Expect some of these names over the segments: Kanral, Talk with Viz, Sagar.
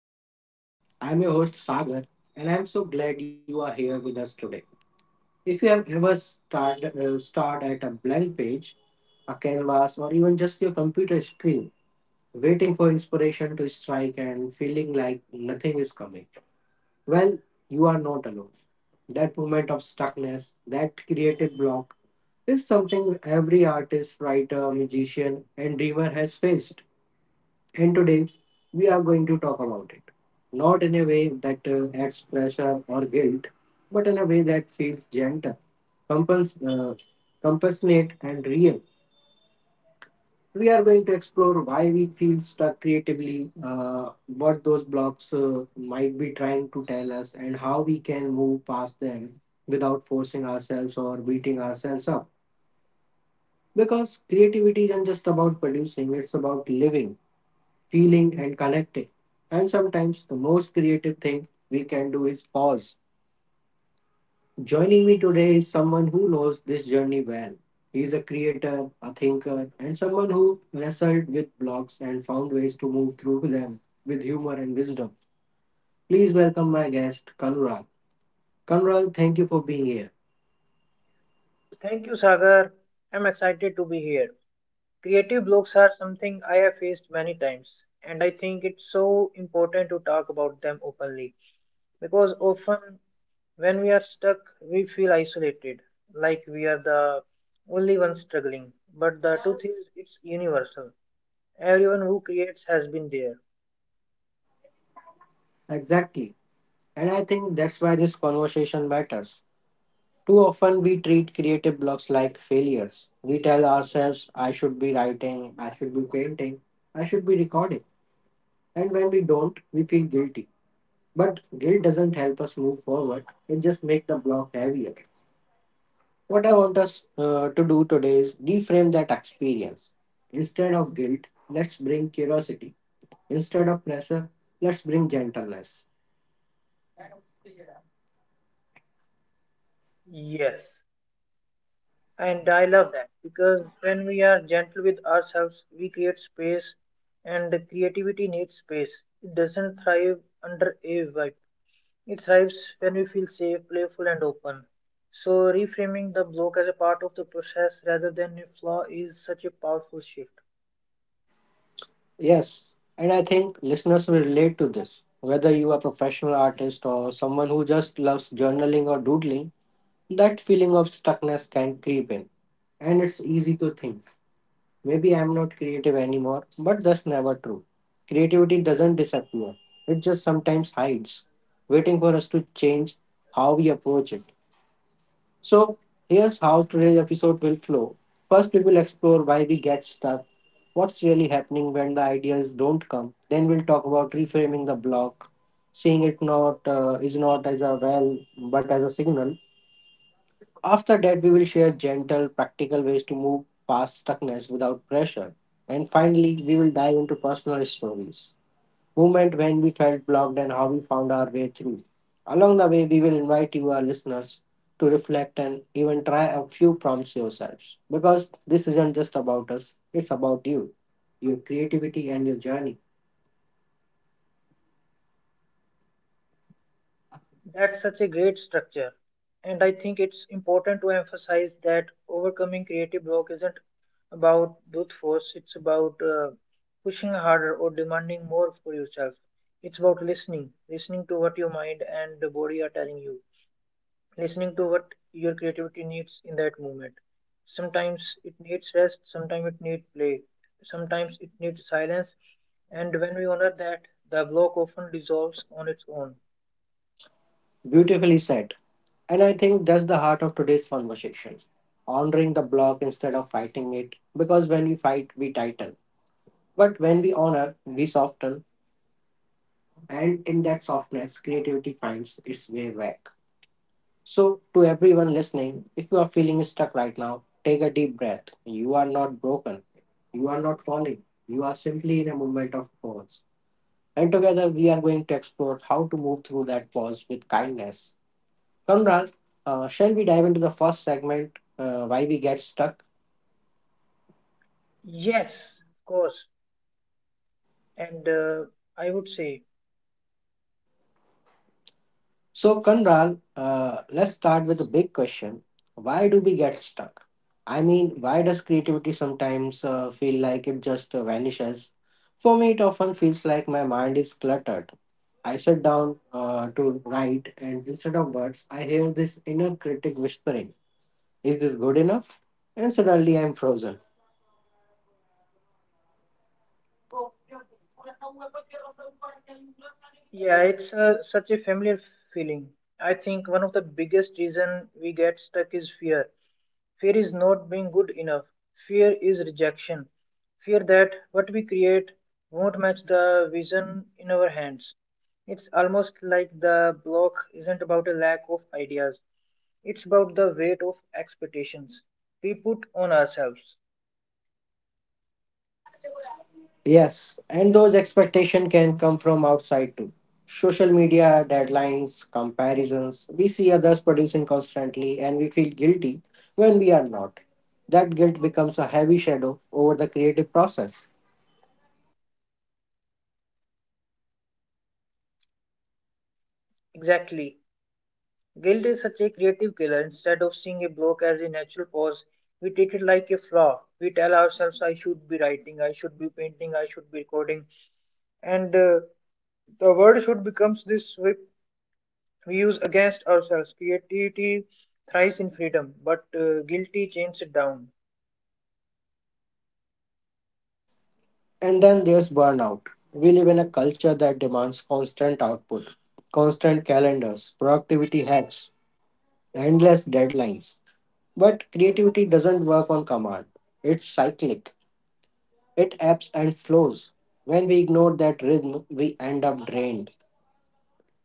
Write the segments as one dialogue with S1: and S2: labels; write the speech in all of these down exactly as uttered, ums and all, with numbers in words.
S1: Talk with Viz. I'm your host Sagar, and I'm so glad you are here with us today. If you have ever start uh, start at a blank page, a canvas, or even just your computer screen, waiting for inspiration to strike and feeling like nothing is coming, well, you are not alone. That moment of stuckness, that creative block, is something every artist, writer, musician, and dreamer has faced. And today we are going to talk about it. Not in a way that uh, adds pressure or guilt, but in a way that feels gentle, compens- uh, compassionate, and real. We are going to explore why we feel stuck creatively, uh, what those blocks uh, might be trying to tell us, and how we can move past them without forcing ourselves or beating ourselves up. Because creativity isn't just about producing, it's about living, feeling, and connecting. And sometimes the most creative thing we can do is pause. Joining me today is someone who knows this journey well. He is a creator, a thinker, and someone who wrestled with blocks and found ways to move through them with humor and wisdom. Please welcome my guest, Kanral. Kanral, thank you for being here.
S2: Thank you, Sagar. I'm excited to be here. Creative blocks are something I have faced many times, and I think it's so important to talk about them openly because often when we are stuck, we feel isolated, like we are the only ones struggling. But the truth is, it's universal. Everyone who creates has been there.
S1: Exactly. And I think that's why this conversation matters. Too often we treat creative blocks like failures. We tell ourselves, I should be writing, I should be painting, I should be recording. And when we don't, we feel guilty. But guilt doesn't help us move forward, it just makes the block heavier. What I want us uh, to do today is reframe that experience. Instead of guilt, let's bring curiosity. Instead of pressure, let's bring gentleness.
S2: Yes, and I love that because when we are gentle with ourselves, we create space, and the creativity needs space. It doesn't thrive under a vibe. It thrives when we feel safe, playful, and open. So reframing the block as a part of the process rather than a flaw is such a powerful shift.
S1: Yes, and I think listeners will relate to this. Whether you are a professional artist or someone who just loves journaling or doodling, that feeling of stuckness can creep in. And it's easy to think, maybe I'm not creative anymore, but that's never true. Creativity doesn't disappear, it just sometimes hides, waiting for us to change how we approach it. So, here's how today's episode will flow. First, we will explore why we get stuck, what's really happening when the ideas don't come. Then, we'll talk about reframing the block, seeing it not uh, is not as a well but as a signal. After that, we will share gentle, practical ways to move past stuckness without pressure. And finally, we will dive into personal stories, moment when we felt blocked and how we found our way through. Along the way, we will invite you, our listeners, to reflect and even try a few prompts yourselves because this isn't just about us, it's about you, your creativity, and your journey.
S2: That's such a great structure. And I think it's important to emphasize that overcoming creative block isn't about brute force, it's about uh, pushing harder or demanding more for yourself. It's about listening, listening to what your mind and the body are telling you, listening to what your creativity needs in that moment. Sometimes it needs rest, sometimes it needs play, sometimes it needs silence, and when we honor that, the block often dissolves on its own.
S1: Beautifully said. And I think that's the heart of today's conversation, honoring the block instead of fighting it because when we fight, we tighten. But when we honor, we soften, and in that softness, creativity finds its way back. So, to everyone listening, if you are feeling stuck right now, take a deep breath. You are not broken. You are not falling. You are simply in a moment of pause. And together, we are going to explore how to move through that pause with kindness. Conrad, uh, shall we dive into the first segment, uh, why we get stuck?
S2: Yes, of course. And uh, I would say,
S1: So, Kanral, uh, let's start with a big question. Why do we get stuck? I mean, why does creativity sometimes uh, feel like it just uh, vanishes? For me, it often feels like my mind is cluttered. I sit down uh, to write, and instead of words, I hear this inner critic whispering, is this good enough? And suddenly I'm frozen.
S2: yeah, it's a, such a familiar feeling. I think one of the biggest reason we get stuck is fear. Fear is not being good enough. Fear is rejection. Fear that what we create won't match the vision in our hands. It's almost like the block isn't about a lack of ideas. It's about the weight of expectations we put on ourselves.
S1: Yes, and those expectations can come from outside too. Social media, deadlines, comparisons. We see others producing constantly and we feel guilty when we are not. That guilt becomes a heavy shadow over the creative process.
S2: Exactly. Guilt is such a creative killer. Instead of seeing a block as a natural pause, we treat it like a flaw. We tell ourselves, I should be writing, I should be painting, I should be recording. And uh, the word should becomes this whip we use against ourselves. Creativity thrives in freedom, but uh, guilty chains it down.
S1: And then there's burnout. We live in a culture that demands constant output, constant calendars, productivity hacks, endless deadlines. But creativity doesn't work on command, it's cyclic. It ebbs and flows. When we ignore that rhythm, we end up drained,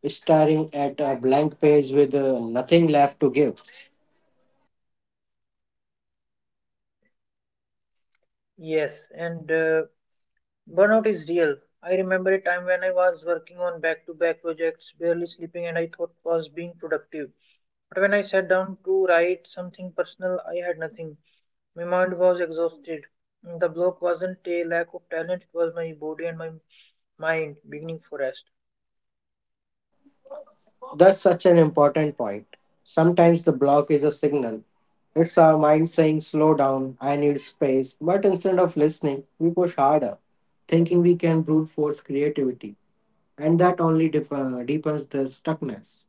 S1: staring at a blank page with uh, nothing left to give.
S2: Yes, and uh, burnout is real. I remember a time when I was working on back to back projects, barely sleeping, and I thought was being productive. But when I sat down to write something personal, I had nothing. My mind was exhausted. The block wasn't a lack of talent, it was my body and my mind beginning to rest.
S1: That's such an important point. Sometimes the block is a signal. It's our mind saying, slow down, I need space. But instead of listening, we push harder, thinking we can brute force creativity. And that only def- uh, deepens the stuckness.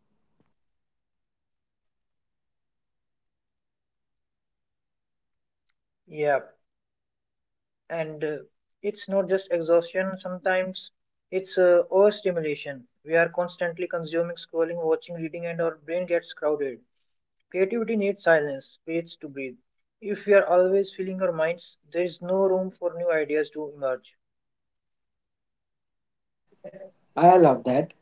S2: Yeah, and uh, it's not just exhaustion, sometimes it's uh, overstimulation. We are constantly consuming, scrolling, watching, reading, and our brain gets crowded. Creativity needs silence, space to breathe. If we are always filling our minds, there is no room for new ideas to emerge.
S1: I love that.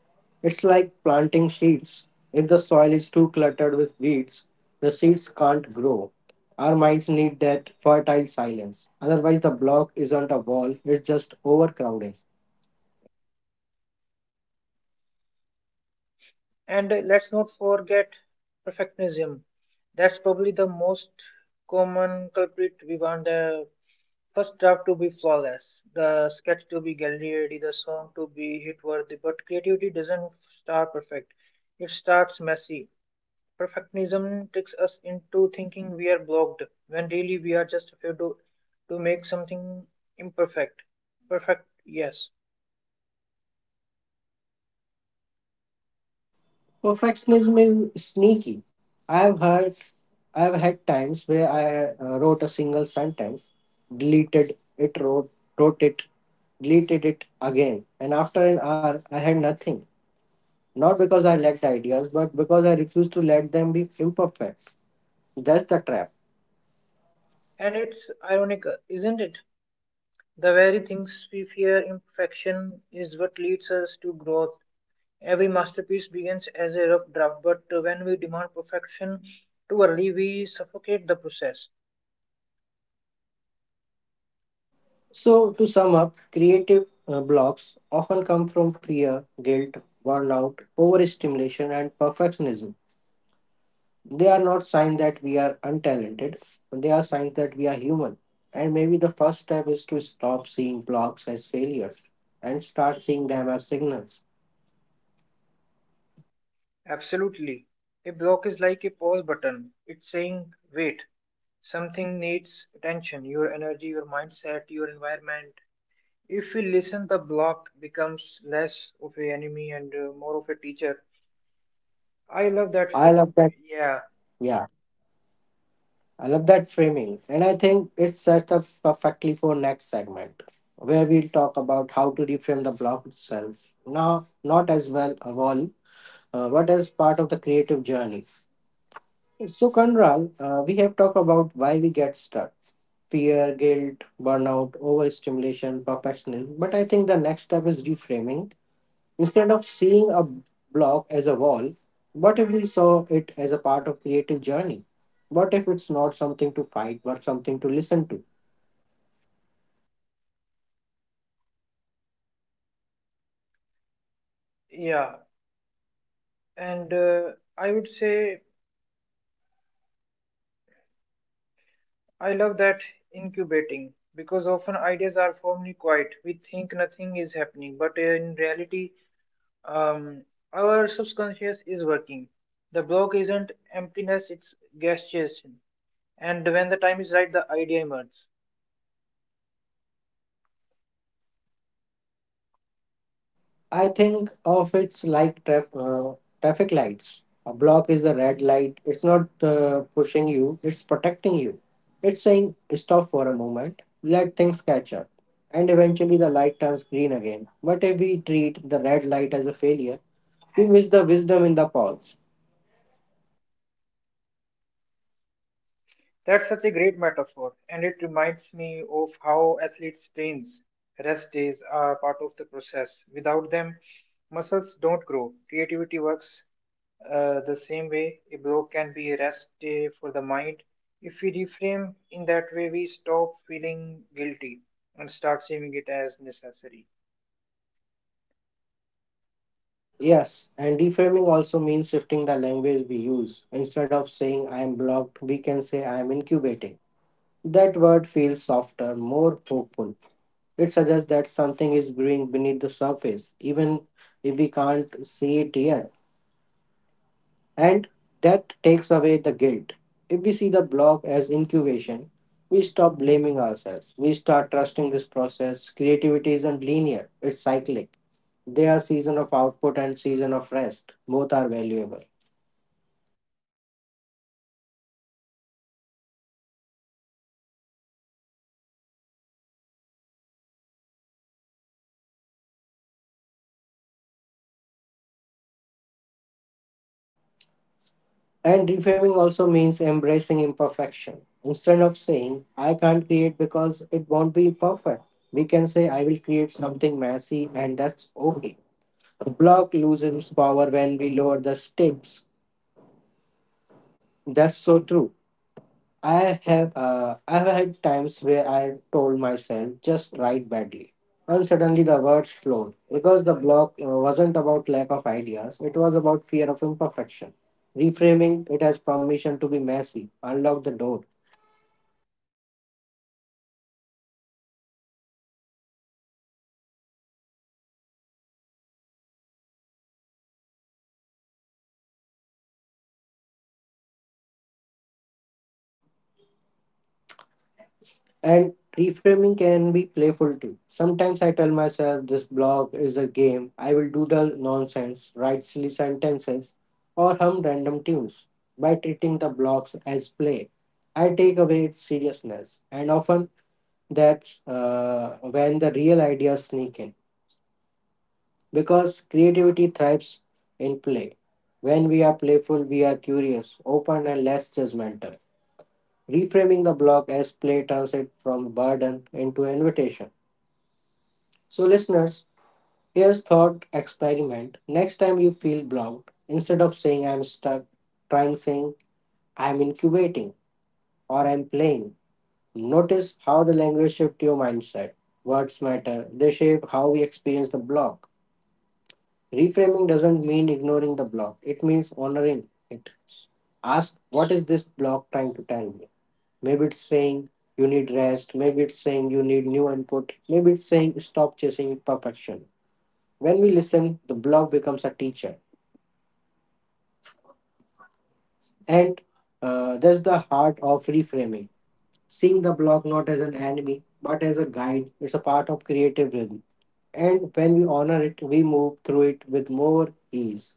S1: It's like planting seeds. If the soil is too cluttered with weeds, the seeds can't grow. Our minds need that fertile silence. Otherwise, the block isn't a wall, it's just overcrowding.
S2: And uh, let's not forget perfectionism. That's probably the most common culprit. We want the first draft to be flawless, the sketch to be gallery ready, the song to be hit worthy. But creativity doesn't start perfect, it starts messy. Perfectionism takes us into thinking we are blocked when really we are just afraid to, to make something imperfect. Perfect, yes.
S1: Perfectionism is sneaky. I've heard, I've had times where I uh, wrote a single sentence, deleted it, wrote, wrote it, deleted it again, and after an hour, I had nothing. Not because I lacked ideas, but because I refused to let them be imperfect. That's the trap.
S2: And it's ironic, isn't it? The very things we fear, imperfection, is what leads us to growth. Every masterpiece begins as a rough draft, but when we demand perfection too early, we suffocate the process.
S1: So, to sum up, creative uh, blocks often come from fear, guilt, burnout, overstimulation, and perfectionism. They are not signs that we are untalented, they are signs that we are human. And maybe the first step is to stop seeing blocks as failures and start seeing them as signals.
S2: Absolutely. A block is like a pause button. It's saying, wait, something needs attention, your energy, your mindset, your environment. If we listen, the block becomes less of an enemy and uh, more of a teacher. I love that
S1: I
S2: frame.
S1: love that.
S2: Yeah,
S1: Yeah. I love that framing, and I think it's set up perfectly for next segment, where we'll talk about how to reframe the block itself. Now, not as well a wall, uh, but as part of the creative journey. So, Kanral, uh, we have talked about why we get stuck: fear, guilt, burnout, overstimulation, perfectionism. But I think the next step is reframing. Instead of seeing a block as a wall, what if we saw it as a part of creative journey? What if it's not something to fight but something to listen to?
S2: yeah. And uh, I would say I love that incubating because often ideas are firmly quiet. We think nothing is happening, but in reality, um, our subconscious is working. The block isn't emptiness, it's gestation. And when the time is right, the idea emerges.
S1: I think of it's like traf- uh, traffic lights. A block is the red light. It's not uh, pushing you, it's protecting you. It's saying stop for a moment, let things catch up. And eventually the light turns green again. But if we treat the red light as a failure, we miss the wisdom in the pause.
S2: That's such a great metaphor, and it reminds me of how athletes' trains. Rest days are part of the process. Without them, muscles don't grow, creativity works Uh, the same way, a block can be a rest day for the mind. If we reframe in that way, we stop feeling guilty and start seeing it as necessary.
S1: Yes, and deframing also means shifting the language we use. Instead of saying I am blocked, we can say I am incubating. That word feels softer, more hopeful. It suggests that something is brewing beneath the surface, even if we can't see it yet. And that takes away the guilt. If we see the block as incubation, we stop blaming ourselves. We start trusting this process. Creativity isn't linear, it's cyclic. There are season of output and season of rest. Both are valuable.
S2: Uh, Yeah, and uh, reframing also means embracing imperfection. Instead of saying, I can't create because it won't be perfect, we can say, I will create something messy and that's okay. The block loses its power when we
S1: And
S2: lower the
S1: reframing
S2: stakes.
S1: also means embracing imperfection. Instead of saying, I can't create because it won't be perfect, we can say, I will create something messy and that's okay. The block loses
S2: So,
S1: its
S2: what do you think,
S1: power when
S2: Sagar?
S1: we lower the stakes. That's so true. I have uh, I've had times where I told
S2: And I would
S1: myself
S2: say
S1: just write badly,
S2: Reframing can be
S1: and suddenly
S2: playful
S1: the
S2: too.
S1: words flowed because the
S2: Sometimes I
S1: block
S2: tell
S1: uh,
S2: myself
S1: wasn't about
S2: this
S1: lack of
S2: block is a
S1: ideas; it
S2: game.
S1: was
S2: I will
S1: about fear of
S2: doodle nonsense,
S1: imperfection.
S2: write silly
S1: Reframing it as
S2: sentences,
S1: permission
S2: or
S1: to be messy
S2: hum
S1: unlocked the
S2: random
S1: door.
S2: tunes. By treating the block as play, I take away its seriousness, and often that's when uh, real ideas sneak in. And uh, that's, uh, I would say, because creativity thrives in play. When uh,
S1: And
S2: we are
S1: reframing
S2: playful,
S1: can
S2: we
S1: be
S2: are curious,
S1: playful too.
S2: open, and less
S1: Sometimes I tell
S2: judgmental,
S1: myself this
S2: reframing
S1: blog
S2: the
S1: is a
S2: block as
S1: game. I will
S2: pretense to
S1: doodle
S2: be burden
S1: nonsense,
S2: into
S1: write silly
S2: invitation.
S1: sentences, or hum random tunes. By treating the blogs as play, I take away its seriousness. And often that's uh, when the real ideas sneak in. Because creativity thrives in play. When we are playful, we are curious, open, and less judgmental. Reframing the blog as play turns it from burden into invitation. So, listeners, here's thought experiment. Next time you feel blocked, instead of saying I'm stuck, trying saying I'm incubating or I'm playing. Notice how the language shift your mindset. Words matter. They shape how we experience the block. Reframing doesn't mean ignoring the block. It means honoring it. Ask what is this block trying to tell me? Maybe it's saying you need rest. Maybe it's saying you need new input. Maybe it's saying stop chasing perfection. When we listen, the block becomes a teacher. And uh, that's the heart of reframing. Seeing the block not as an enemy, but as a guide, it's a part of creative rhythm. And when we honor it, we move through it with more ease.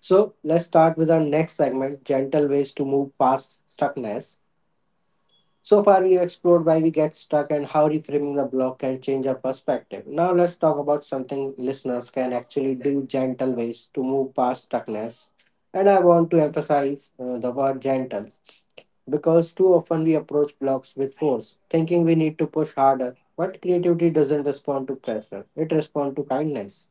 S1: So let's start with our next segment, gentle ways to move past stuckness. So far, we explored why we get stuck and how reframing the block can change our perspective. Now, let's talk about something listeners can actually do, gentle ways to move past stuckness. And I want to emphasize uh, the word gentle because too often we approach blocks with force, thinking we need to push harder. But creativity doesn't respond to pressure, it responds to kindness.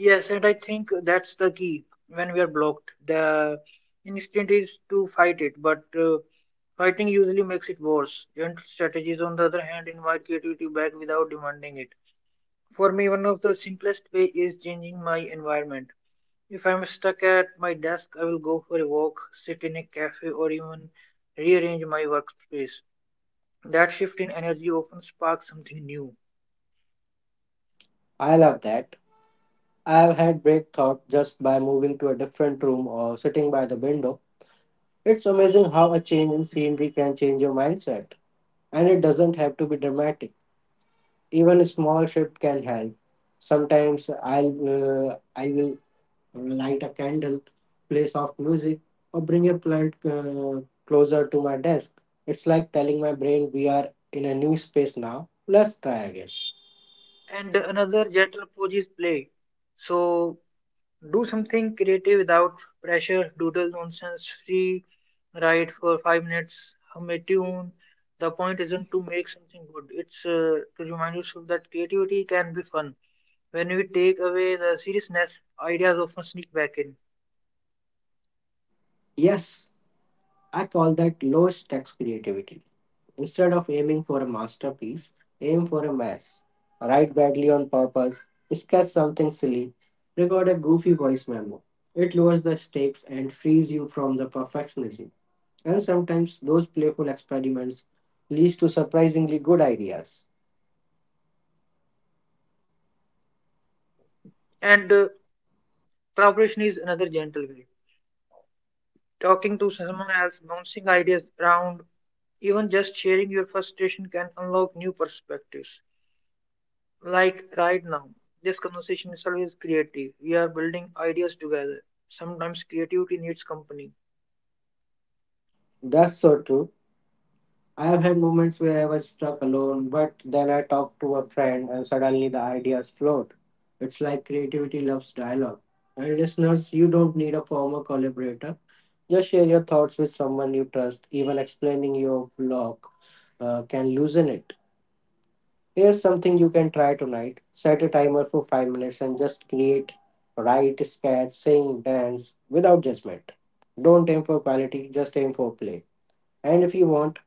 S2: Yes, and I think that's the key when we are blocked. The instinct is to fight it, but uh, fighting usually makes it worse. Gentle strategies, on the other hand, invite creativity back without demanding it. For me, one of the simplest way is changing my environment. If I'm stuck at my desk, I will go for a walk, sit in a cafe, or even rearrange my workspace. That shift in energy often sparks something new.
S1: I love that. I have had break thought just by moving to a different room or sitting by the window. It's amazing how a change in scenery can change your mindset. And it doesn't have to be dramatic. Even a small shift can help. Sometimes I'll uh, I will light a candle, play soft music, or bring a plant uh, closer to my desk. It's like telling my brain we are in a new space now. Let's
S2: Yes,
S1: try again.
S2: and another gentle approach is play. So do something creative without pressure, doodle nonsense, free write for five minutes, hum a tune. The point isn't to make something good, it's uh, to remind yourself that creativity can be fun. When we take away the seriousness, ideas often sneak back in.
S1: Yes, I call that low stakes creativity. Instead of aiming for a masterpiece, aim for a mess. Write badly on purpose, sketch something silly, record a goofy voice memo. It lowers the stakes and frees you from the perfectionism. And sometimes those playful experiments leads to surprisingly good ideas.
S2: And uh, collaboration is another gentle way. Talking to someone else, bouncing ideas around, even just sharing your frustration can unlock new perspectives. Like right now, this conversation is always creative. We are building ideas together. Sometimes creativity needs company.
S1: That's so true. I have had moments where I was stuck alone, but then I talked to a friend and suddenly the ideas flowed. It's like creativity loves dialogue. And listeners, you don't need a formal collaborator. Just share your thoughts with someone you trust. Even explaining your block uh, can loosen it. Here's something you can try tonight. Set a timer for five minutes and just create, write, sketch, sing, dance without judgment. Don't aim for quality, just aim for play. And if you want,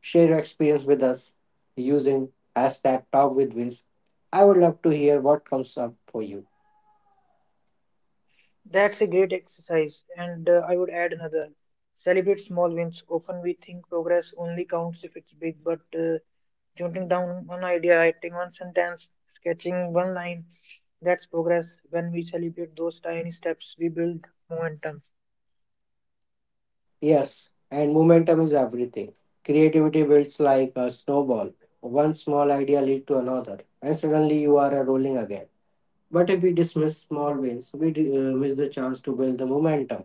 S1: share your experience with us using hashtag talk with Wiz. I would love to hear what comes up for you.
S2: That's a great exercise. And uh, I would add another. Celebrate small wins. Often we think progress only counts if it's big, but uh, jotting down one idea, writing one sentence, sketching one line, that's progress. When we celebrate those tiny steps, we build momentum.
S1: Yes, and momentum is everything. Creativity builds like a snowball. One small idea leads to another, and suddenly you are uh, rolling again. But if we dismiss small wins, we d- uh, miss the chance to build the momentum.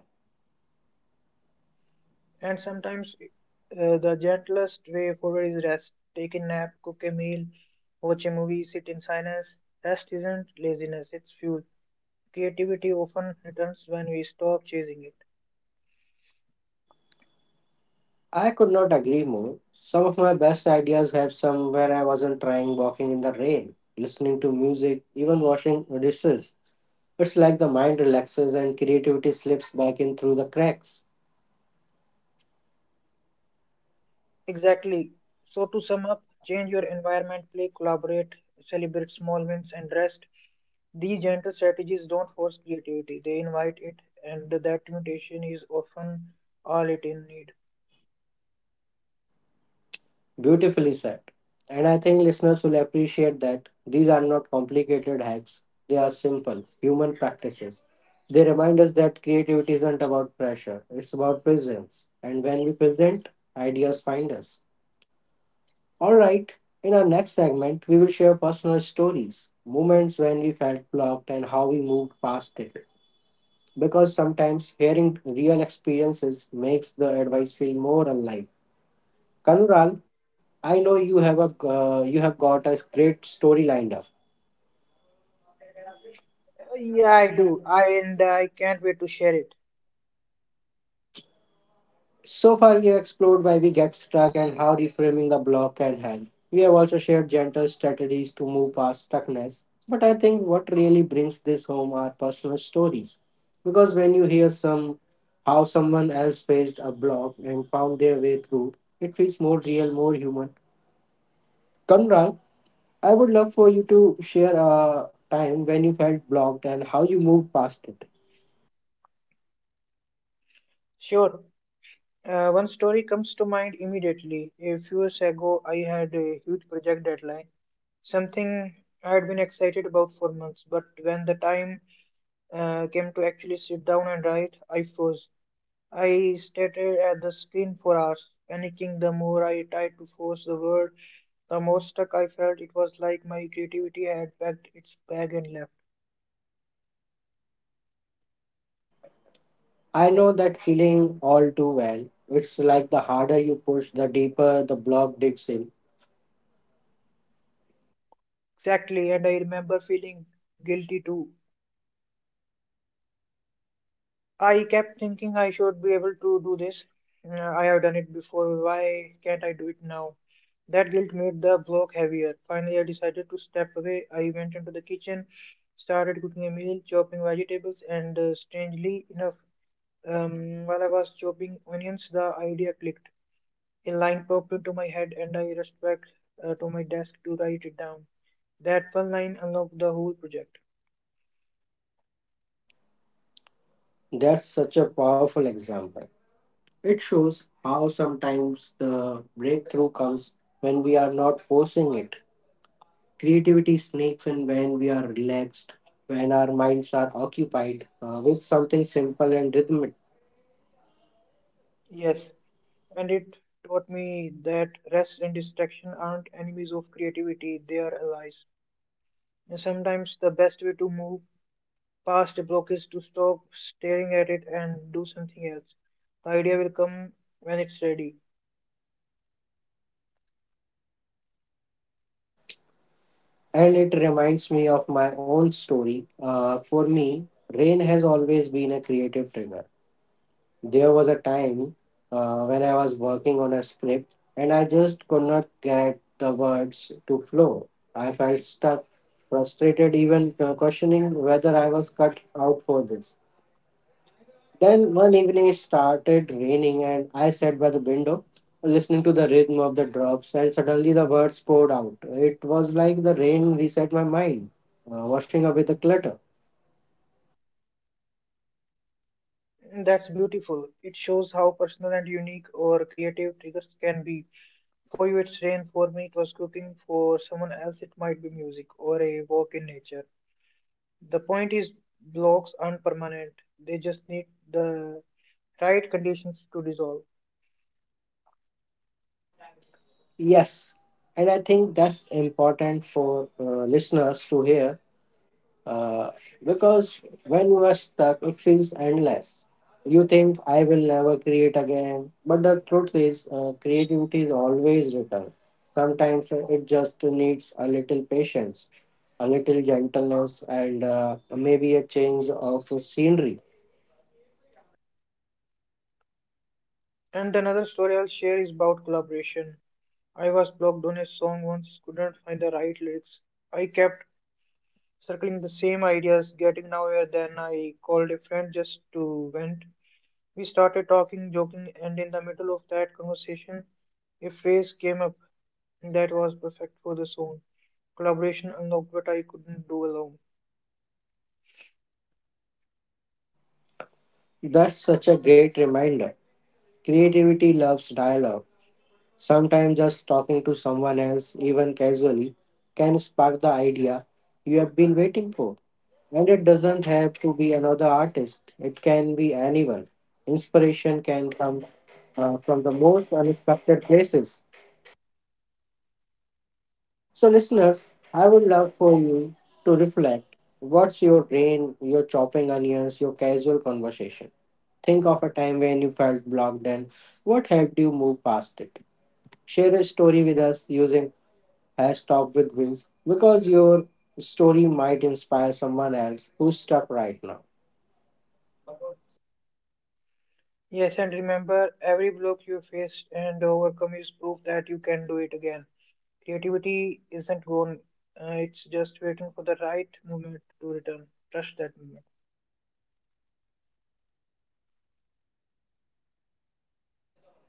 S2: And sometimes uh, the gentlest way forward is rest. Take a nap, cook a meal, watch a movie, sit in silence. Rest isn't laziness, it's fuel. Creativity often returns when we stop chasing it.
S1: I could not agree more. Some of my best ideas have some when I wasn't trying walking in the rain, listening to music, even washing dishes. It's like the mind relaxes and creativity slips back in through the cracks.
S2: Exactly. So, to sum up, change your environment, play, collaborate, celebrate small wins, and rest. These gentle strategies don't force creativity, they invite it, and that mutation is often all it in need.
S1: Beautifully said. And I think listeners will appreciate that these are not complicated hacks. They are simple, human practices. They remind us that creativity isn't about pressure, it's about presence. And when we present, ideas find us. All right, in our next segment, we will share personal stories, moments when we felt blocked, and how we moved past it. Because sometimes hearing real experiences makes the advice feel more alive. Kanural, I know you have a uh, you have got a great story lined up.
S2: Uh, Yeah, I do. I and I can't wait to share it.
S1: So far, we have explored why we get stuck and how reframing a block can help. We have also shared gentle strategies to move past stuckness. But I think what really brings this home are personal stories, because when you hear some how someone else faced a block and found their way through, it feels more real, more human. Kanural, I would love for you to share a time when you felt blocked and how you moved past it.
S2: Sure. Uh, one story comes to mind immediately. A few years ago, I had a huge project deadline, something I had been excited about for months. But when the time uh, came to actually sit down and write, I froze. I stared at the screen for hours, panicking the more I tried to force the word, the more stuck I felt. It was like my creativity had packed its bag and left.
S1: I know that feeling all too well. It's like the harder you push, the deeper the block digs in.
S2: Exactly, and I remember feeling guilty too I kept thinking I should be able to do this. Mm, I have done it before. Why can't I do it now? That guilt made the block heavier. Finally, I decided to step away. I went into the kitchen, started cooking a meal, chopping vegetables, and uh, strangely enough, um, while I was chopping onions, the idea clicked. A line popped into my head, and I rushed back uh, to my desk to write it down. That one line unlocked the whole project.
S1: That's such a powerful example. It shows how sometimes the breakthrough comes when we are not forcing it. Creativity sneaks in when we are relaxed, when our minds are occupied uh, with something simple and rhythmic.
S2: Yes, and it taught me that rest and distraction aren't enemies of creativity, they are allies. And sometimes the best way to move past a block is to stop staring at it and do something else. The idea will come when it's ready.
S1: And it reminds me of my own story. Uh, for me, rain has always been a creative trigger. There was a time uh, when I was working on a script and I just could not get the words to flow. I felt stuck, frustrated, even uh, questioning whether I was cut out for this. Then one evening it started raining and I sat by the window listening to the rhythm of the drops and suddenly the words poured out. It was like the rain reset my mind, uh, washing away the clutter.
S2: And that's beautiful. It shows how personal and unique or creative triggers can be. For you, it's rain. For me, it was cooking. For someone else, it might be music or a walk in nature. The point is, blocks aren't permanent. They just need the right conditions to dissolve.
S1: Yes, and I think that's important for uh, listeners to hear. Uh, because when you are stuck, it feels endless. You think, I will never create again. But the truth is, uh, creativity is always return. Sometimes it just needs a little patience, a little gentleness, and uh, maybe a change of scenery.
S2: And another story I'll share is about collaboration. I was blocked on a song once, couldn't find the right lyrics. I kept circling the same ideas, getting nowhere. Then I called a friend just to vent. We started talking, joking, and in the middle of that conversation, a phrase came up that was perfect for the song. Collaboration unlocked what I couldn't do alone.
S1: That's such a great reminder. Creativity loves dialogue. Sometimes just talking to someone else, even casually, can spark the idea you have been waiting for. And it doesn't have to be another artist, it can be anyone. Inspiration can come uh, from the most unexpected places. So, listeners, I would love for you to reflect what's your brain, your chopping onions, your casual conversation. Think of a time when you felt blocked and what helped you move past it. Share a story with us using hashtag with wheels because your story might inspire someone else who's stuck right now.
S2: Yes, and remember, every block you faced and overcome is proof that you can do it again. Creativity isn't gone, uh, it's just waiting for the right moment to return. Trust that moment.
S1: Beautifully said.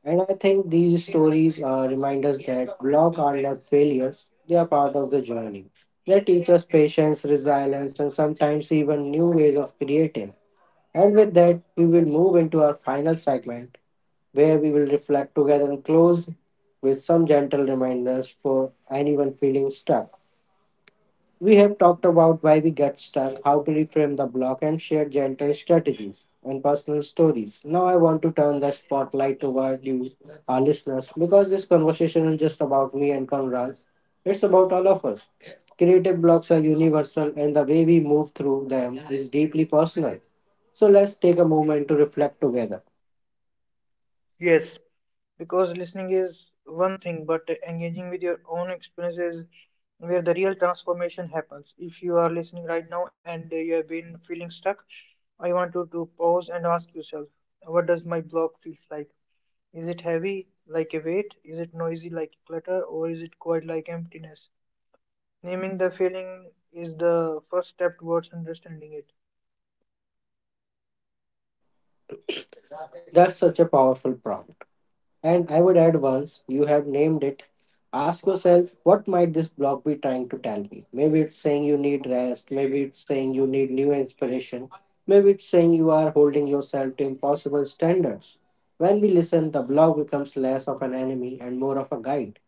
S1: And I think these stories uh, remind us that blocks are not failures, they are part of the journey. They teach us patience, resilience, and sometimes even new ways of creating. And with that, we will move into our final segment where we will reflect together and close with some gentle reminders for anyone feeling stuck. We have talked about why we get stuck, how to reframe the block, and share gentle strategies and personal stories. Now, I want to turn the spotlight toward you, our listeners, because this conversation is just about me and Conrad. It's about all of us. Creative blocks are universal, and the way we move through them is deeply personal. So, let's take a moment to reflect together.
S2: Yes, because listening is one thing, but engaging with your own experiences where the real transformation happens. If you are listening right now and you have been feeling stuck, I want you to pause and ask yourself, what does my block feels like? Is it heavy like a weight? Is it noisy like clutter? Or is it quiet like emptiness? Naming the feeling is the first step towards understanding it.
S1: That's such a powerful prompt. And I would add once you have named it, ask yourself, what might this blog be trying to tell me? Maybe it's saying you need rest, maybe it's saying you need new inspiration, maybe it's saying you are holding yourself to impossible standards. When we listen, the blog becomes less of an enemy and more of a guide.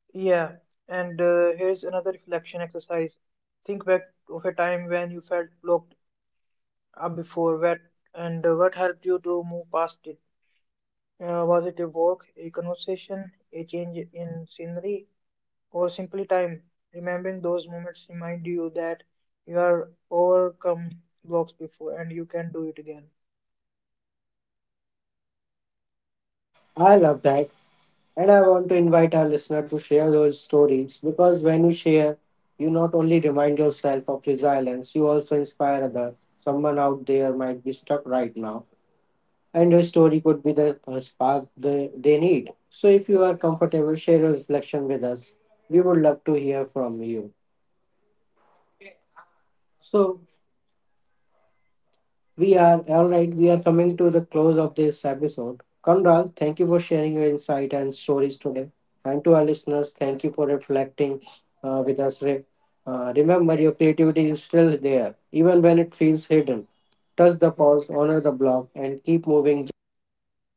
S2: Yeah, and uh, here's another reflection exercise. Think back of a time when you felt blocked up before what and uh, what helped you to move past it. Uh, was it a walk, a conversation, a change in scenery, or simply time? Remembering those moments remind you that you are overcome blocks before and you can do it again.
S1: I love that. And I want to invite our listener to share those stories because when you share, you not only remind yourself of resilience, you also inspire others. Someone out there might be stuck right now and your story could be the uh, spark the, they need. So, if you are comfortable, share your reflection with us. We would love to hear from you. So, we are all right, we are coming to the close of this episode. Conrad, thank you for sharing your insight and stories today. And to our listeners, thank you for reflecting uh, with us. Re- uh, remember, your creativity is still there, even when it feels hidden. Touch the pause, honor the block, and keep moving gently forward.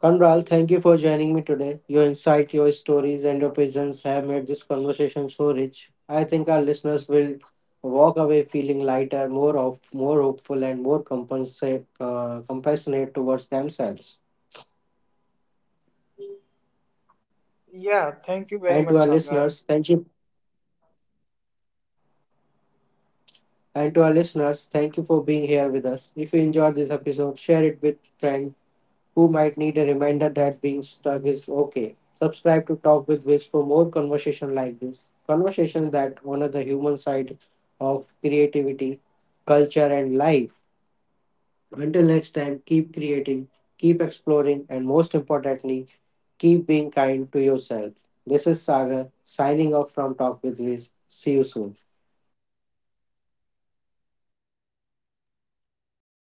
S1: Kanral, thank you for joining me today. Your insight, your stories, and your presence have made this conversation so rich. I think our listeners will walk away feeling lighter, more of, more hopeful, and more compensate, uh, compassionate towards themselves.
S2: Yeah, thank you very
S1: And to
S2: much,
S1: our
S2: Sagar.
S1: listeners, thank you. And to our listeners, thank you for being here with us. If you enjoyed this episode, share it with friends who might need a reminder that being stuck is okay. Subscribe to Talk with Wiz for more conversation like this. Conversation that honor the human side of creativity, culture and life. Until next time, keep creating, keep exploring and most importantly, keep being kind to yourself. This is Sagar signing off from Talk with Wiz. See you soon.